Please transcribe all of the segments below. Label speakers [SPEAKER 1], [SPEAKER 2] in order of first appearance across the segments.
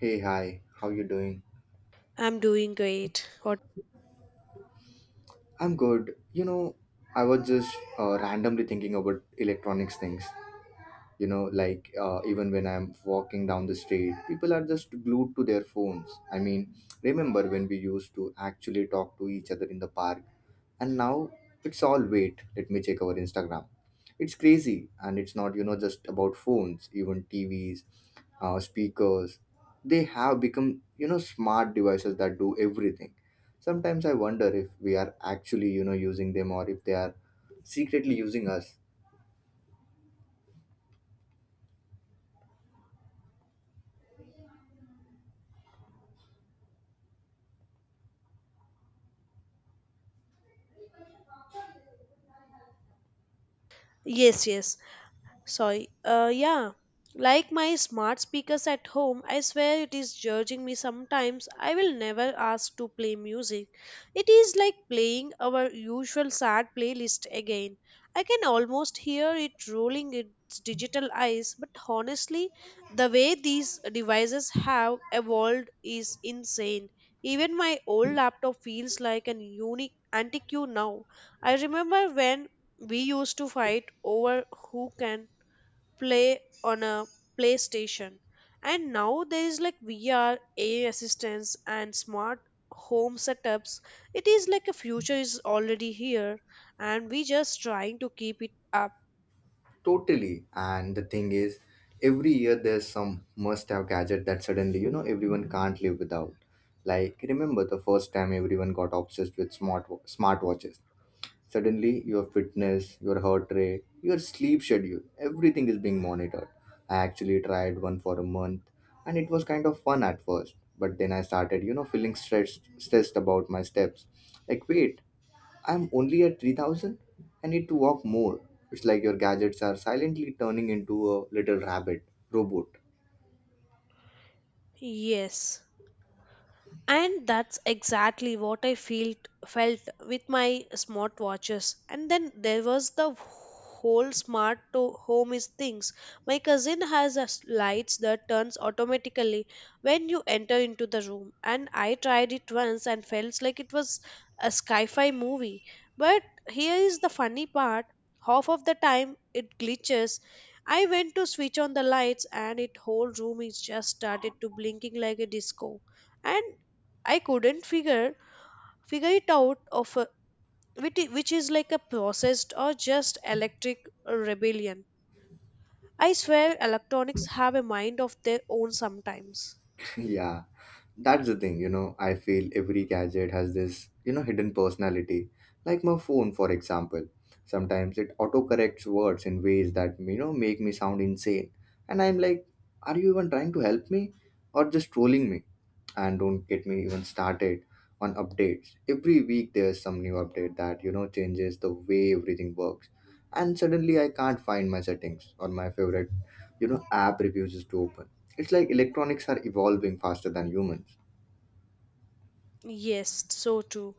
[SPEAKER 1] Hey, hi. How you doing?
[SPEAKER 2] I'm doing great. What?
[SPEAKER 1] I'm good. You know, I was just randomly thinking about electronics things. You know, like even when I'm walking down the street, people are just glued to their phones. I mean, remember when we used to actually talk to each other in the park? And now it's all, wait, let me check our Instagram. It's crazy. And it's not just about phones, even TVs, speakers. They have become smart devices that do everything. Sometimes I wonder if we are actually using them, or if they are secretly using us.
[SPEAKER 2] Yes, yes. Sorry. Yeah. Like my smart speakers at home, I swear it is judging me sometimes. I will never ask to play music. It is like playing our usual sad playlist again. I can almost hear it rolling its digital eyes, but honestly, the way these devices have evolved is insane. Even my old laptop feels like an unique antique now. I remember when we used to fight over who can play on a PlayStation. And now there is like VR, AI assistance, and smart home setups. It is like a future is already here, and we just trying to keep it up.
[SPEAKER 1] Totally. And the thing is, every year there's some must have gadget that suddenly everyone can't live without. Like, remember the first time everyone got obsessed with smartwatches. Suddenly, your fitness, your heart rate, your sleep schedule, everything is being monitored. I actually tried one for a month, and it was kind of fun at first, but then I started feeling stressed about my steps. Like, wait, I'm only at 3,000? I need to walk more. It's like your gadgets are silently turning into a little rabbit robot.
[SPEAKER 2] Yes. And that's exactly what I felt with my smartwatches. And then there was the whole smart to home is things. My cousin has a lights that turns automatically when you enter into the room, and I tried it once and felt like it was a sci-fi movie. But here is the funny part: half of the time it glitches. I went to switch on the lights and it whole room is just started to blinking like a disco. And I couldn't figure it out of which which is like a processed or just electric rebellion. I swear electronics have a mind of their own sometimes.
[SPEAKER 1] Yeah. That's the thing, I feel every gadget has this hidden personality. Like my phone, for example. Sometimes it autocorrects words in ways that make me sound insane. And I'm like, are you even trying to help me or just trolling me? And don't get me even started on updates. Every week there's some new update that changes the way everything works. And suddenly I can't find my settings or my favorite app refuses to open. It's like electronics are evolving faster than humans.
[SPEAKER 2] Yes, so too.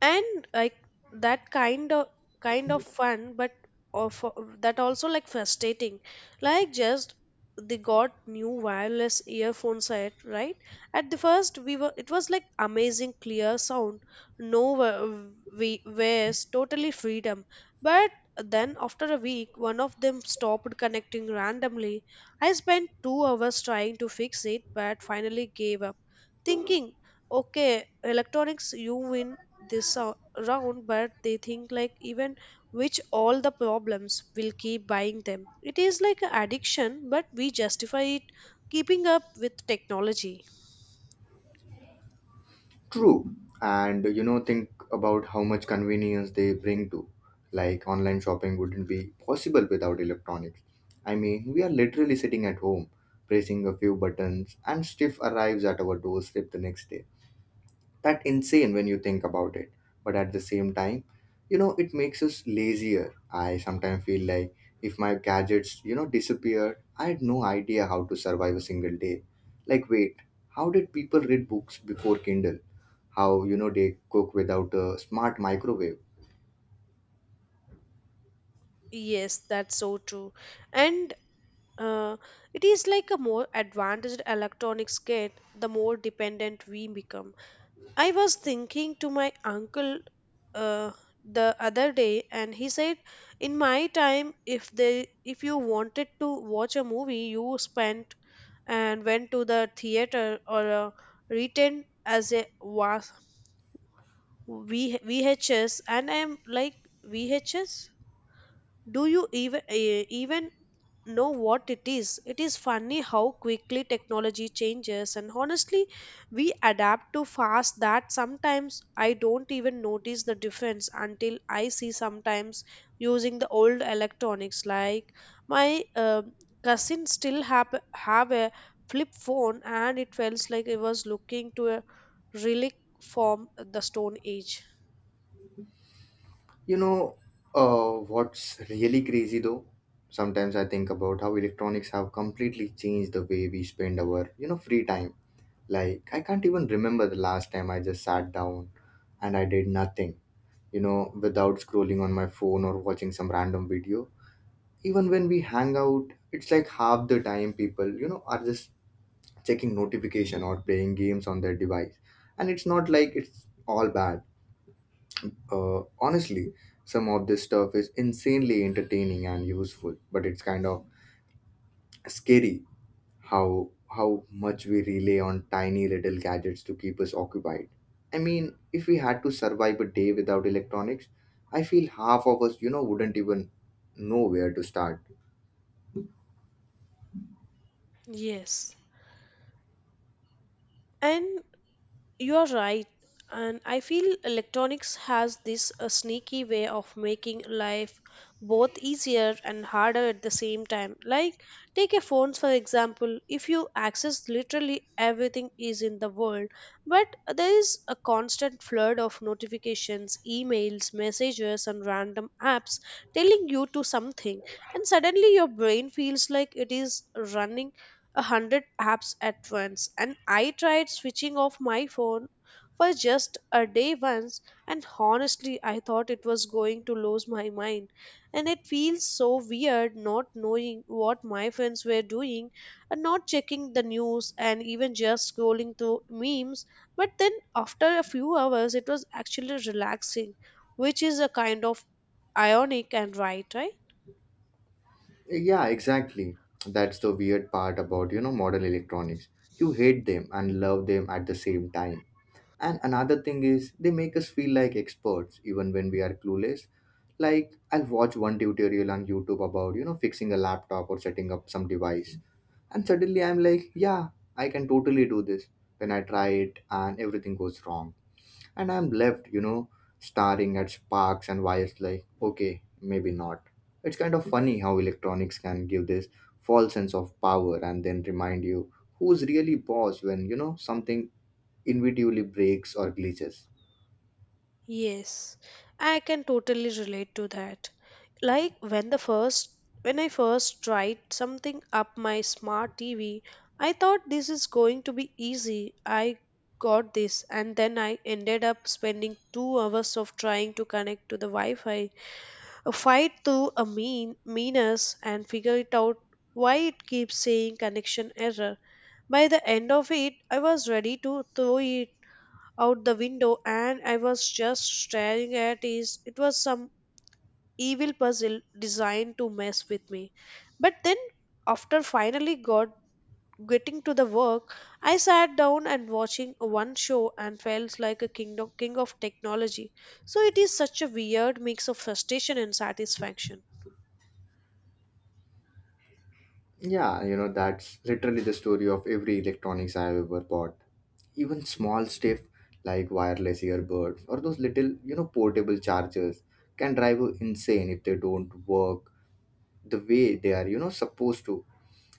[SPEAKER 2] And like that kind of fun, but of that also like frustrating. Like just they got new wireless earphone set, right? At the first we were it was like amazing clear sound, no we waste totally freedom. But then after a week one of them stopped connecting randomly. I spent 2 hours trying to fix it, but finally gave up thinking, okay, electronics, you win this round. But they think like even which all the problems will keep buying them. It is like an addiction, but we justify it keeping up with technology.
[SPEAKER 1] True. And think about how much convenience they bring to. Like, online shopping wouldn't be possible without electronics. I mean, we are literally sitting at home, pressing a few buttons, and stuff arrives at our doorstep the next day. That insane when you think about it. But at the same time, it makes us lazier. I sometimes feel like, if my gadgets disappeared, I had no idea how to survive a single day. Like, wait, how did people read books before Kindle? How they cook without a smart microwave?
[SPEAKER 2] Yes, that's so true. And uh, it is like a more advanced electronics get, the more dependent we become. I was thinking to my uncle uh, the other day, and he said, in my time, if you wanted to watch a movie, you spent and went to the theater or retained as a was vhs. And I'm like, vhs, do you even know what it is. It is funny how quickly technology changes, and honestly, we adapt to fast that sometimes I don't even notice the difference until I see sometimes using the old electronics. Like my cousin still have a flip phone, and it felt like it was looking to a relic from the Stone Age.
[SPEAKER 1] you know what's really crazy though, sometimes I think about how electronics have completely changed the way we spend our free time. Like, I can't even remember the last time I just sat down and I did nothing without scrolling on my phone or watching some random video. Even when we hang out, it's like half the time people are just checking notification or playing games on their device. And it's not like it's all bad. Honestly, some of this stuff is insanely entertaining and useful, but it's kind of scary how much we rely on tiny little gadgets to keep us occupied. I mean, if we had to survive a day without electronics, I feel half of us wouldn't even know where to start.
[SPEAKER 2] Yes. and. You are right, and I feel electronics has this sneaky way of making life both easier and harder at the same time. Like, take a phones for example. If you access literally everything is in the world, but there is a constant flood of notifications, emails, messages, and random apps telling you to something, and suddenly your brain feels like it is running 100 apps at once. And I tried switching off my phone for just a day once, and honestly I thought it was going to lose my mind. And it feels so weird not knowing what my friends were doing, and not checking the news, and even just scrolling through memes. But then after a few hours it was actually relaxing, which is a kind of ironic. And right, right.
[SPEAKER 1] Yeah, exactly. That's the weird part about modern electronics. You hate them and love them at the same time. And another thing is, they make us feel like experts even when we are clueless. Like, I'll watch one tutorial on YouTube about fixing a laptop or setting up some device. And suddenly I'm like, yeah, I can totally do this. Then I try it and everything goes wrong. And I'm left staring at sparks and wires like, okay, maybe not. It's kind of funny how electronics can give this false sense of power and then remind you who's really boss when something inevitably breaks or glitches.
[SPEAKER 2] Yes, I can totally relate to that. Like when the first when I first tried something up my smart TV, I thought this is going to be easy. I got this. And then I ended up spending 2 hours of trying to connect to the Wi-Fi. A fight through a meanness and figure it out why it keeps saying connection error. By the end of it, I was ready to throw it out the window, and I was just staring at it. It was some evil puzzle designed to mess with me. But then, after finally got getting to the work, I sat down and watching one show and felt like a king of technology. So it is such a weird mix of frustration and satisfaction.
[SPEAKER 1] Yeah, that's literally the story of every electronics I've ever bought. Even small stuff like wireless earbuds or those little portable chargers can drive you insane if they don't work the way they are supposed to.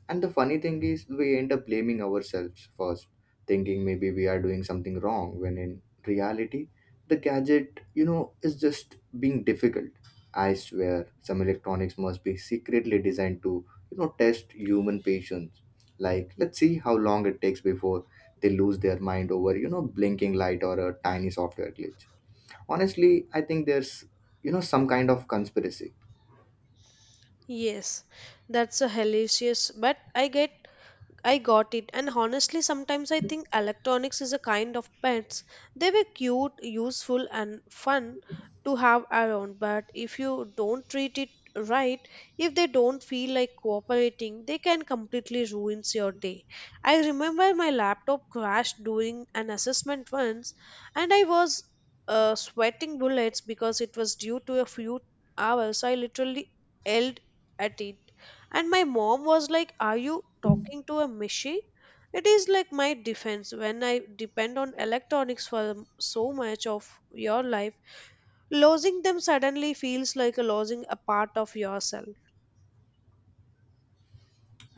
[SPEAKER 1] And the funny thing is, we end up blaming ourselves first, thinking maybe we are doing something wrong, when in reality the gadget is just being difficult. I swear some electronics must be secretly designed to test human patience. Like, let's see how long it takes before they lose their mind over blinking light or a tiny software glitch. Honestly, I think there's some kind of conspiracy.
[SPEAKER 2] Yes, that's a hilarious, but I got it. And honestly, sometimes I think electronics is a kind of pets. They were cute, useful, and fun to have around. But if you don't treat it right, if they don't feel like cooperating, they can completely ruins your day. I remember my laptop crashed during an assessment once, and I was sweating bullets because it was due to a few hours. I literally yelled at it, and my mom was like, are you talking to a machine? It is like my defense when I depend on electronics for so much of your life. Losing them suddenly feels like a losing a part of yourself.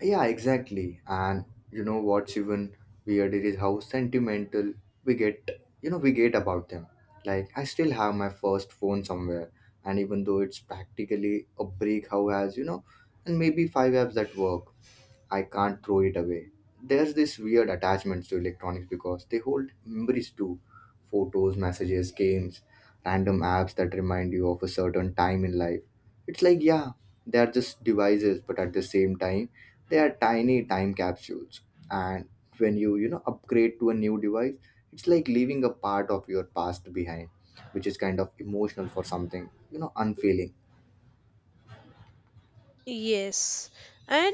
[SPEAKER 1] Yeah, exactly. And you know what's even weirder is how sentimental we get, about them. Like, I still have my first phone somewhere, and even though it's practically a break, how has and maybe five apps that work. I can't throw it away. There's this weird attachment to electronics because they hold memories too, photos, messages, games, random apps that remind you of a certain time in life. It's like, yeah, they are just devices, but at the same time, they are tiny time capsules. And when you upgrade to a new device, it's like leaving a part of your past behind, which is kind of emotional for something unfeeling.
[SPEAKER 2] Yes, and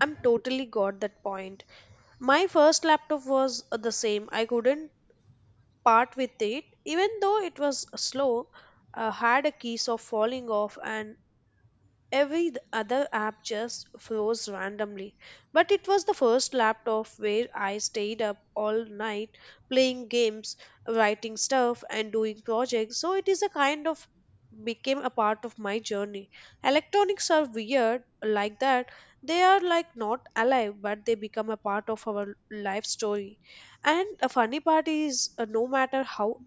[SPEAKER 2] I'm totally got that point. My first laptop was the same. I couldn't part with it, even though it was slow. Had a case of falling off, and every other app just froze randomly. But it was the first laptop where I stayed up all night playing games, writing stuff, and doing projects. So it is a kind of became a part of my journey. Electronics are weird like that. They are like not alive, but they become a part of our life story. And a funny part is no matter how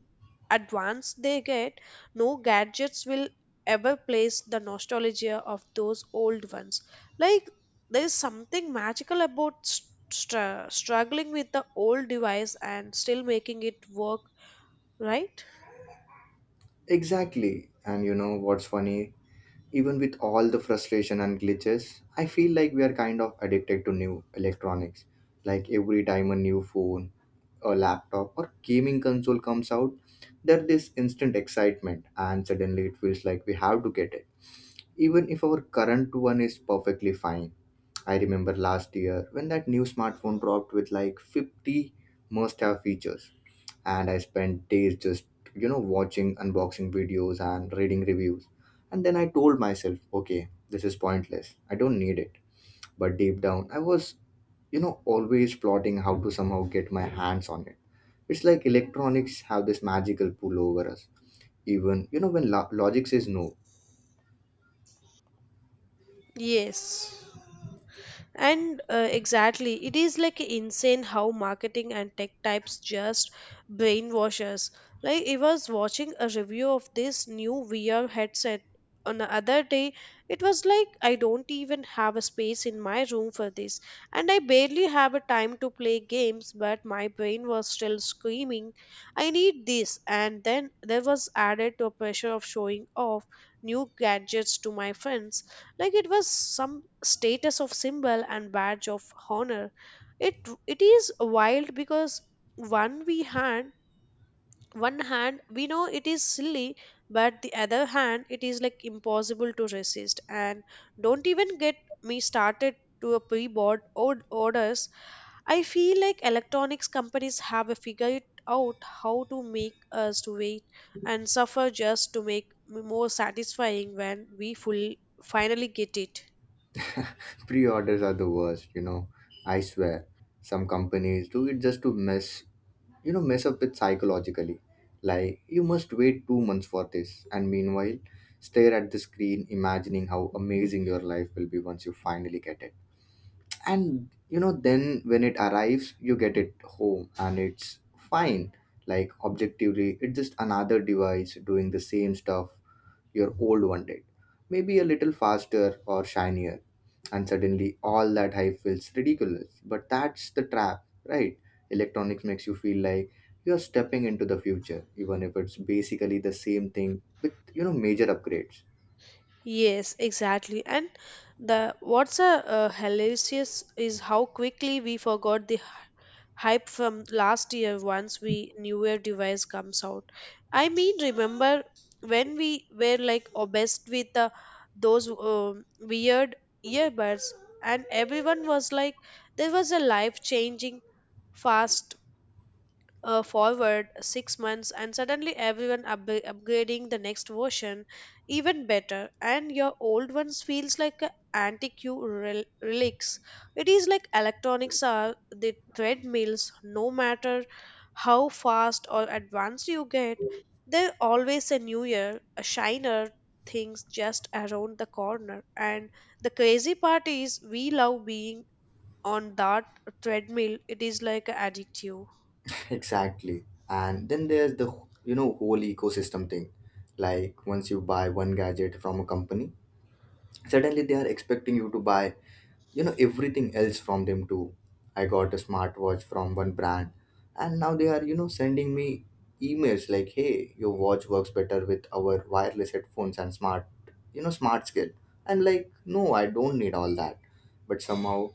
[SPEAKER 2] advanced they get, no gadgets will ever place the nostalgia of those old ones. Like there is something magical about struggling with the old device and still making it work, right?
[SPEAKER 1] Exactly. And you know what's funny? Even with all the frustration and glitches, I feel like we are kind of addicted to new electronics. Like, every time a new phone, a laptop, or gaming console comes out, there's this instant excitement, and suddenly it feels like we have to get it, even if our current one is perfectly fine. I remember last year when that new smartphone dropped with like 50 must have features, and I spent days just watching unboxing videos and reading reviews. And then I told myself, okay, this is pointless, I don't need it. But deep down, I was always plotting how to somehow get my hands on it. It's like electronics have this magical pull over us, even when logic says no.
[SPEAKER 2] Yes. And exactly it is like insane how marketing and tech types just brainwash us. Like I was watching a review of this new vr headset on the other day. It was like, I don't even have a space in my room for this, and I barely have a time to play games, but my brain was still screaming, I need this. And then there was added to a pressure of showing off new gadgets to my friends, like it was some status of symbol and badge of honor. It it is wild because one we hand one hand we know it is silly, but the other hand it is like impossible to resist. And don't even get me started to a orders I feel like electronics companies have a figured out how to make us to wait and suffer just to make more satisfying when we full finally get it.
[SPEAKER 1] Pre-orders are the worst. I swear some companies do it just to mess you know mess up with psychologically. Like, you must wait 2 months for this, and meanwhile stare at the screen imagining how amazing your life will be once you finally get it. And then when it arrives, you get it home and it's fine. Like, objectively, it's just another device doing the same stuff your old one did, maybe a little faster or shinier. And suddenly, all that hype feels ridiculous. But that's the trap, right? Electronics makes you feel like you're stepping into the future, even if it's basically the same thing with major upgrades.
[SPEAKER 2] Yes, exactly. And the what's a hilarious is how quickly we forgot the hype from last year once we newer device comes out. I mean, remember when we were like obsessed with the those weird earbuds, and everyone was like, there was a life changing. Fast forward 6 months, and suddenly everyone upgrading the next version even better, and your old ones feels like a antique you relics. It is like electronics are the treadmills. No matter how fast or advanced you get, there's always a new year, a shiner things just around the corner. And the crazy part is we love being on that treadmill. It is like a addictive.
[SPEAKER 1] Exactly. And then there's the whole ecosystem thing. Like, once you buy one gadget from a company, suddenly they are expecting you to buy everything else from them too. I got a smartwatch from one brand, and now they are sending me emails like, hey, your watch works better with our wireless headphones and smart you know smart skill. And like, no, I don't need all that, but somehow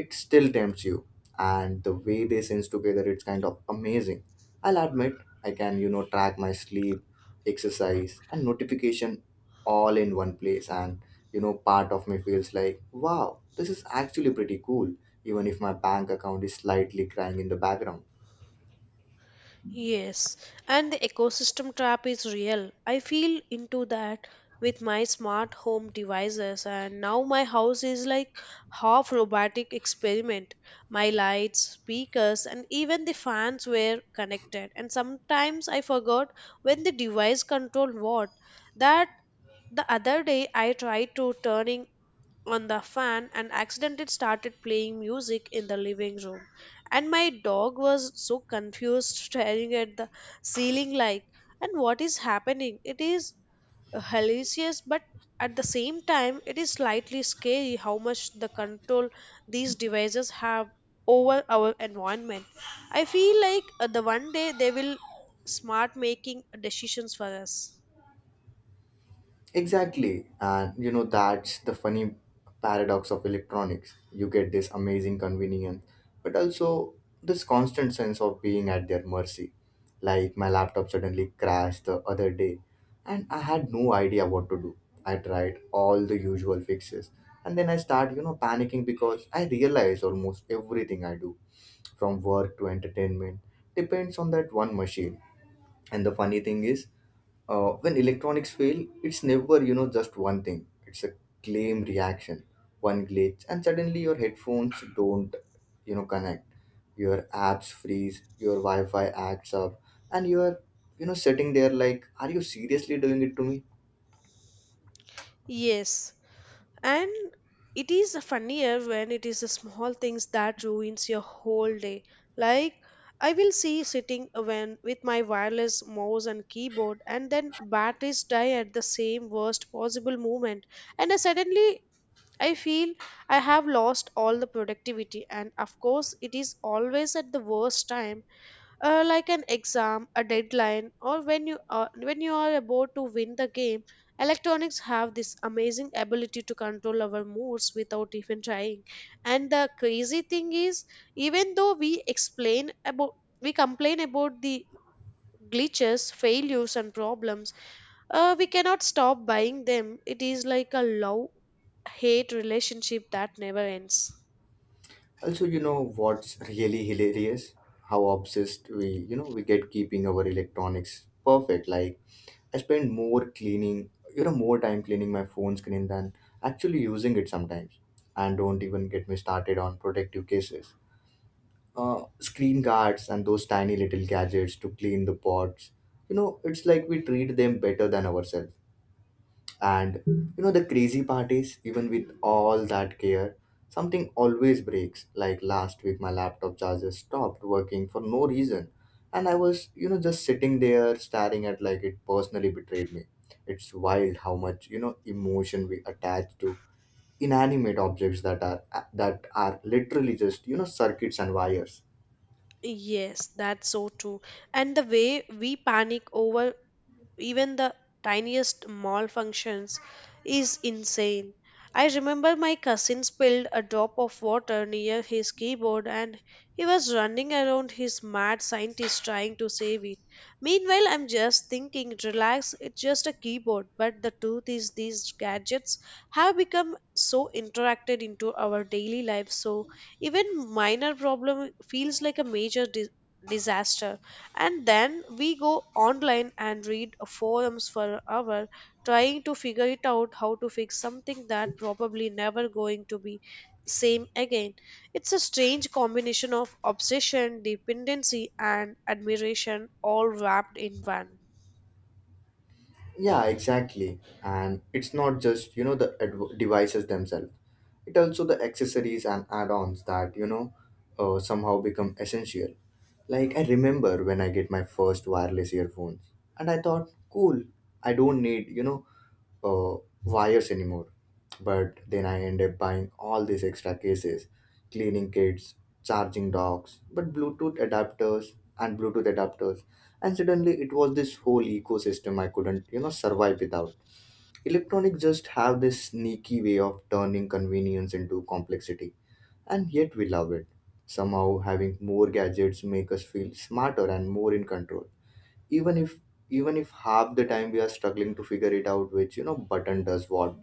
[SPEAKER 1] it still tempts you. And the way they sense together, it's kind of amazing, I'll admit. I can track my sleep, exercise, and notification all in one place. And part of me feels like, wow, this is actually pretty cool, even if my bank account is slightly crying in the background.
[SPEAKER 2] Yes, and the ecosystem trap is real. I feel into that with my smart home devices, and now my house is like half robotic experiment. My lights, speakers, and even the fans were connected, and sometimes I forgot when the device controlled what. That the other day I tried to turning on the fan and accidentally started playing music in the living room. And my dog was so confused, staring at the ceiling like, and what is happening? It is hilarious, but at the same time, it is slightly scary how much the control these devices have over our environment. I feel like the one day they will smart making decisions for us.
[SPEAKER 1] Exactly. And that's the funny paradox of electronics. You get this amazing convenience, but also this constant sense of being at their mercy. Like, my laptop suddenly crashed the other day, and I had no idea what to do. I tried all the usual fixes, and then I start panicking, because I realize almost everything I do, from work to entertainment, depends on that one machine. And the funny thing is, when electronics fail, it's never just one thing. It's a claim reaction. One glitch, and suddenly your headphones don't connect, your apps freeze, your Wi-Fi acts up, and you are sitting there like, are you seriously doing it to me?
[SPEAKER 2] Yes, and it is funnier when it is the small things that ruins your whole day. Like I will see sitting when with my wireless mouse and keyboard, and then batteries die at the same worst possible moment. And I suddenly I feel I have lost all the productivity, and of course it is always at the worst time, like an exam, a deadline, or when you are about to win the game. Electronics have this amazing ability to control our moods without even trying. And the crazy thing is, even though we complain about the glitches, failures, and problems, we cannot stop buying them. It is like a love hate relationship that never ends.
[SPEAKER 1] Also, you know what's really hilarious? How obsessed we get keeping our electronics perfect. Like, I spend more time cleaning my phone screen than actually using it sometimes. And don't even get me started on protective cases, screen guards, and those tiny little gadgets to clean the pots. It's like we treat them better than ourselves. And the crazy part is, even with all that care, something always breaks. Like, last week, my laptop charger stopped working for no reason. And I was just sitting there staring at like it personally betrayed me. It's wild how much, emotion we attach to inanimate objects that are literally just, circuits and wires.
[SPEAKER 2] Yes, that's so true. And the way we panic over even the tiniest malfunctions is insane. I remember my cousin spilled a drop of water near his keyboard, and he was running around his mad scientist trying to save it. Meanwhile, I'm just thinking, relax, it's just a keyboard. But the truth is, these gadgets have become so interacted into our daily life, so even minor problem feels like a major disaster, and then we go online and read forums for an hour trying to figure it out how to fix something that probably never going to be same again. It's a strange combination of obsession, dependency, and admiration all wrapped in one.
[SPEAKER 1] Yeah, exactly. And it's not just, the devices themselves. It also the accessories and add-ons that, somehow become essential. Like I remember when I get my first wireless earphones and I thought, cool, I don't need, uh, wires anymore. But then I end up buying all these extra cases, cleaning kits, charging docks, but Bluetooth adapters. And suddenly it was this whole ecosystem I couldn't, survive without. Electronics just have this sneaky way of turning convenience into complexity, and yet we love it. Somehow having more gadgets make us feel smarter and more in control even if even if half the time we are struggling to figure it out which button does what.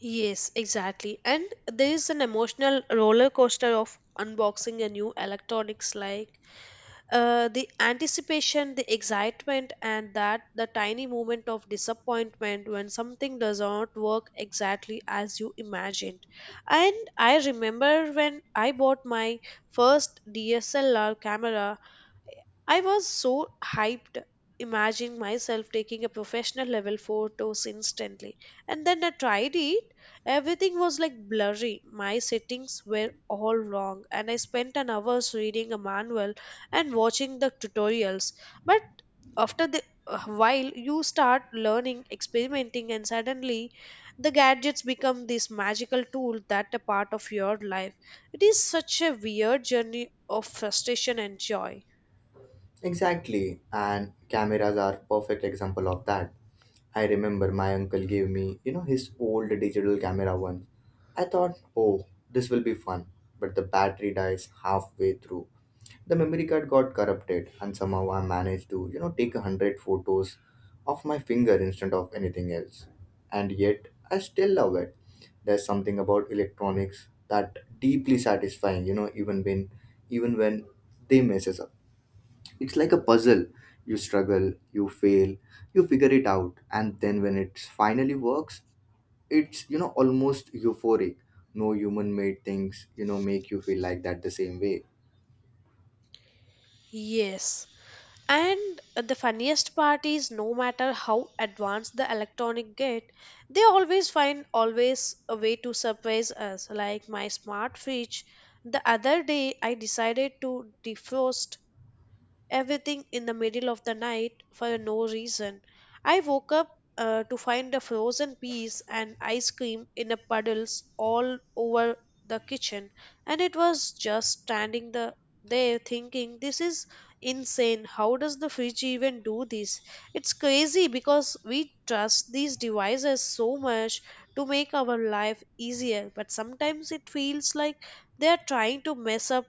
[SPEAKER 2] Yes, exactly. And there is an emotional roller coaster of unboxing a new electronics, like the anticipation, the excitement, and that the tiny moment of disappointment when something does not work exactly as you imagined. And I remember when I bought my first DSLR camera. I was so hyped, imagining myself taking a professional level photos instantly. And then I tried it. Everything was like blurry. My settings were all wrong, and I spent an hour reading a manual and watching the tutorials. But after the a while you start learning, experimenting, and suddenly the gadgets become this magical tool that a part of your life. It is such a weird journey of frustration and joy.
[SPEAKER 1] Exactly. And cameras are perfect example of that. I remember my uncle gave me his old digital camera once. I thought, oh, this will be fun. But the battery dies halfway through, the memory card got corrupted, and somehow I managed to take a hundred photos of my finger instead of anything else. And yet I still love it. There's something about electronics that deeply satisfying, even when they messes up. It's like a puzzle. You struggle, you fail, you figure it out, and then when it finally works, it's almost euphoric. No human made things make you feel like that the same way.
[SPEAKER 2] Yes. And the funniest part is no matter how advanced the electronic get, they always find always a way to surprise us. Like my smart fridge, the other day I decided to defrost everything in the middle of the night for no reason. I woke up to find a frozen piece and ice cream in a puddles all over the kitchen, and it was just there thinking, this is insane. How does the fridge even do this? It's crazy because we trust these devices so much to make our life easier, but sometimes it feels like they are trying to mess up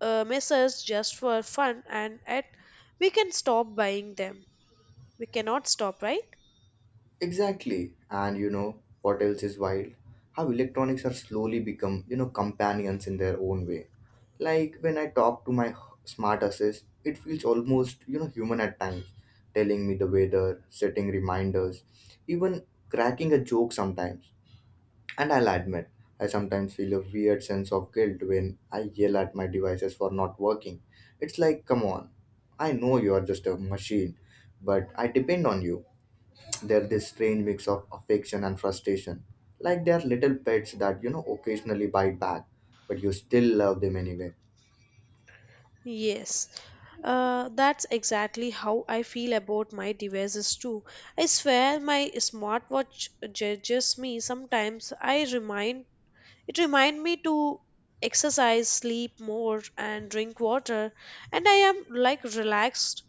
[SPEAKER 2] misses just for fun. And at we can stop buying them, we cannot stop, right?
[SPEAKER 1] Exactly. And you know what else is wild? How electronics are slowly become, companions in their own way. Like when I talk to my smart assist, it feels almost, human at times, telling me the weather, setting reminders, even cracking a joke sometimes. And I'll admit, I sometimes feel a weird sense of guilt when I yell at my devices for not working. It's like, come on, I know you are just a machine, but I depend on you. They're this strange mix of affection and frustration. Like they're little pets that, occasionally bite back, but you still love them anyway.
[SPEAKER 2] Yes. That's exactly how I feel about my devices too. I swear my smartwatch judges me sometimes. I remind it remind me to exercise, sleep more, and drink water, and I am like relaxed.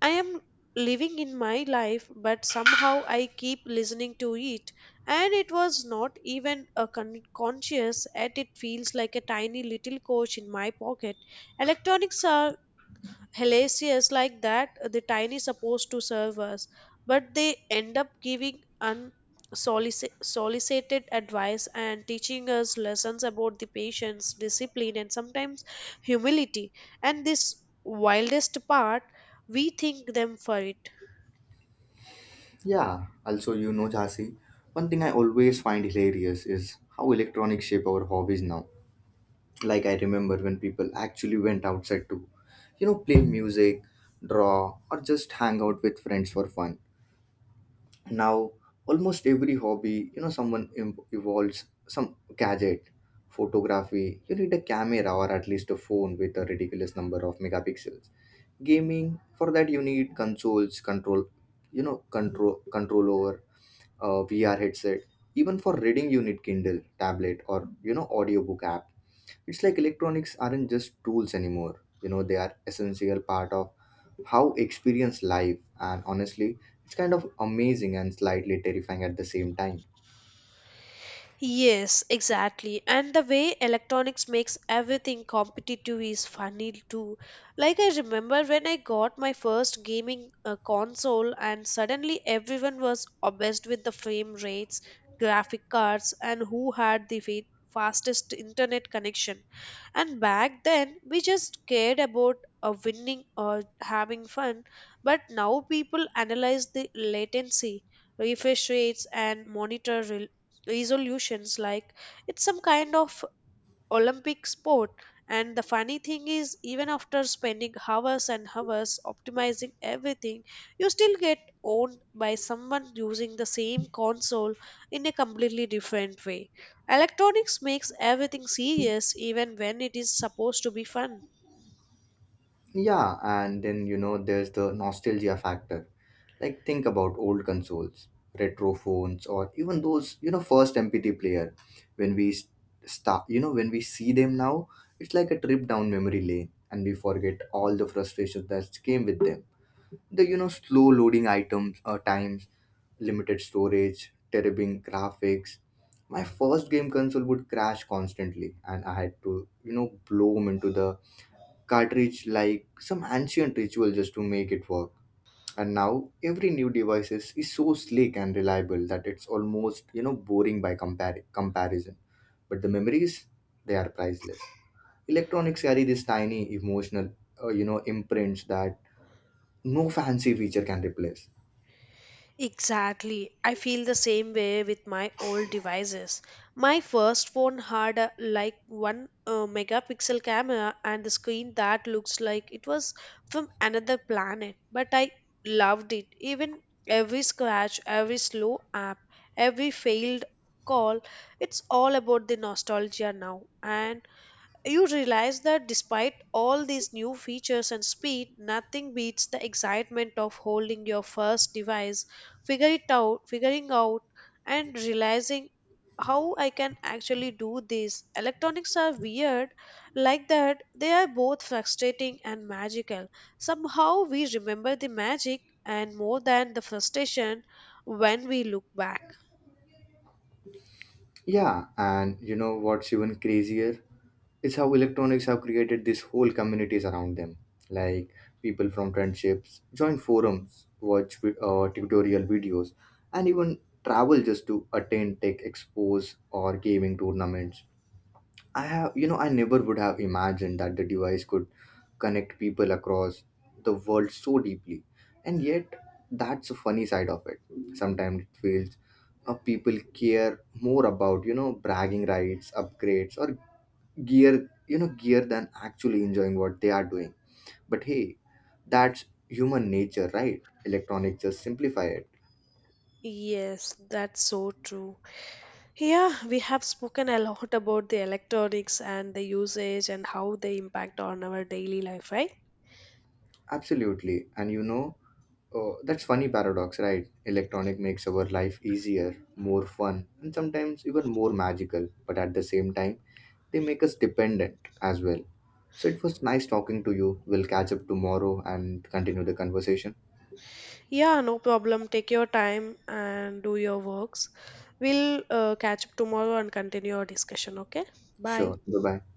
[SPEAKER 2] I am living in my life, but somehow I keep listening to it. And it was not even a conscious, yet it feels like a tiny little coach in my pocket. Electronics are hellacious like that, the tiny supposed to serve us, but they end up giving unsolicited advice and teaching us lessons about the patience, discipline, and sometimes humility. And this wildest part, we thank them for it.
[SPEAKER 1] Yeah, also, Jhansi, one thing I always find hilarious is how electronics shape our hobbies now. Like I remember when people actually went outside to, play music, draw, or just hang out with friends for fun. Now almost every hobby someone evolves some gadget. Photography, you need a camera or at least a phone with a ridiculous number of megapixels. Gaming, for that you need consoles, control, control over a VR headset. Even for reading you need Kindle, tablet, or audiobook app. It's like electronics aren't just tools anymore, they are essential part of how experience life. And honestly, it's kind of amazing and slightly terrifying at the same time.
[SPEAKER 2] Yes, exactly. And the way electronics makes everything competitive is funny too. Like, I remember when I got my first gaming console, and suddenly everyone was obsessed with the frame rates, graphic cards, and who had the fastest internet connection. And back then, we just cared about winning or having fun, but now people analyze the latency, refresh rates, and monitor resolutions like it's some kind of Olympic sport. And the funny thing is, even after spending hours and hours optimizing everything, you still get owned by someone using the same console in a completely different way. Electronics makes everything serious even when it is supposed to be fun.
[SPEAKER 1] Yeah, and then there's the nostalgia factor. Like think about old consoles, retro phones, or even those first MP3 player. When we start when we see them now, it's like a trip down memory lane, and we forget all the frustrations that came with them. The slow loading items times, limited storage, terrible graphics. My first game console would crash constantly, and I had to blow 'em into the cartridge like some ancient ritual just to make it work. And now every new device is so slick and reliable that it's almost boring by comparison. But the memories, they are priceless. Electronics carry this tiny emotional imprints that no fancy feature can replace.
[SPEAKER 2] Exactly. I feel the same way with my old devices. My first phone had a, like 1 megapixel camera, and the screen that looks like it was from another planet, but I loved it. Even every scratch, every slow app, every failed call, it's all about the nostalgia now. And you realize that despite all these new features and speed, nothing beats the excitement of holding your first device, figuring out and realizing how I can actually do this. Electronics are weird like that. They are both frustrating and magical. Somehow we remember the magic and more than the frustration when we look back.
[SPEAKER 1] Yeah, and you know what's even crazier? It's how electronics have created these whole communities around them. Like people from friendships join forums, watch tutorial videos, and even travel just to attend tech expos or gaming tournaments. I never would have imagined that the device could connect people across the world so deeply. And yet, that's a funny side of it. Sometimes it feels people care more about, bragging rights, upgrades, or gear than actually enjoying what they are doing. But hey, that's human nature, right? Electronics just simplify it.
[SPEAKER 2] Yes, that's so true. Yeah, we have spoken a lot about the electronics and the usage and how they impact on our daily life, right?
[SPEAKER 1] Absolutely. And oh, that's funny paradox, right? Electronic makes our life easier, more fun, and sometimes even more magical, but at the same time, they make us dependent as well. So it was nice talking to you. We'll catch up tomorrow and continue the conversation.
[SPEAKER 2] Yeah, no problem. Take your time and do your works. We'll catch up tomorrow and continue our discussion, okay? Bye.
[SPEAKER 1] Sure. Bye bye.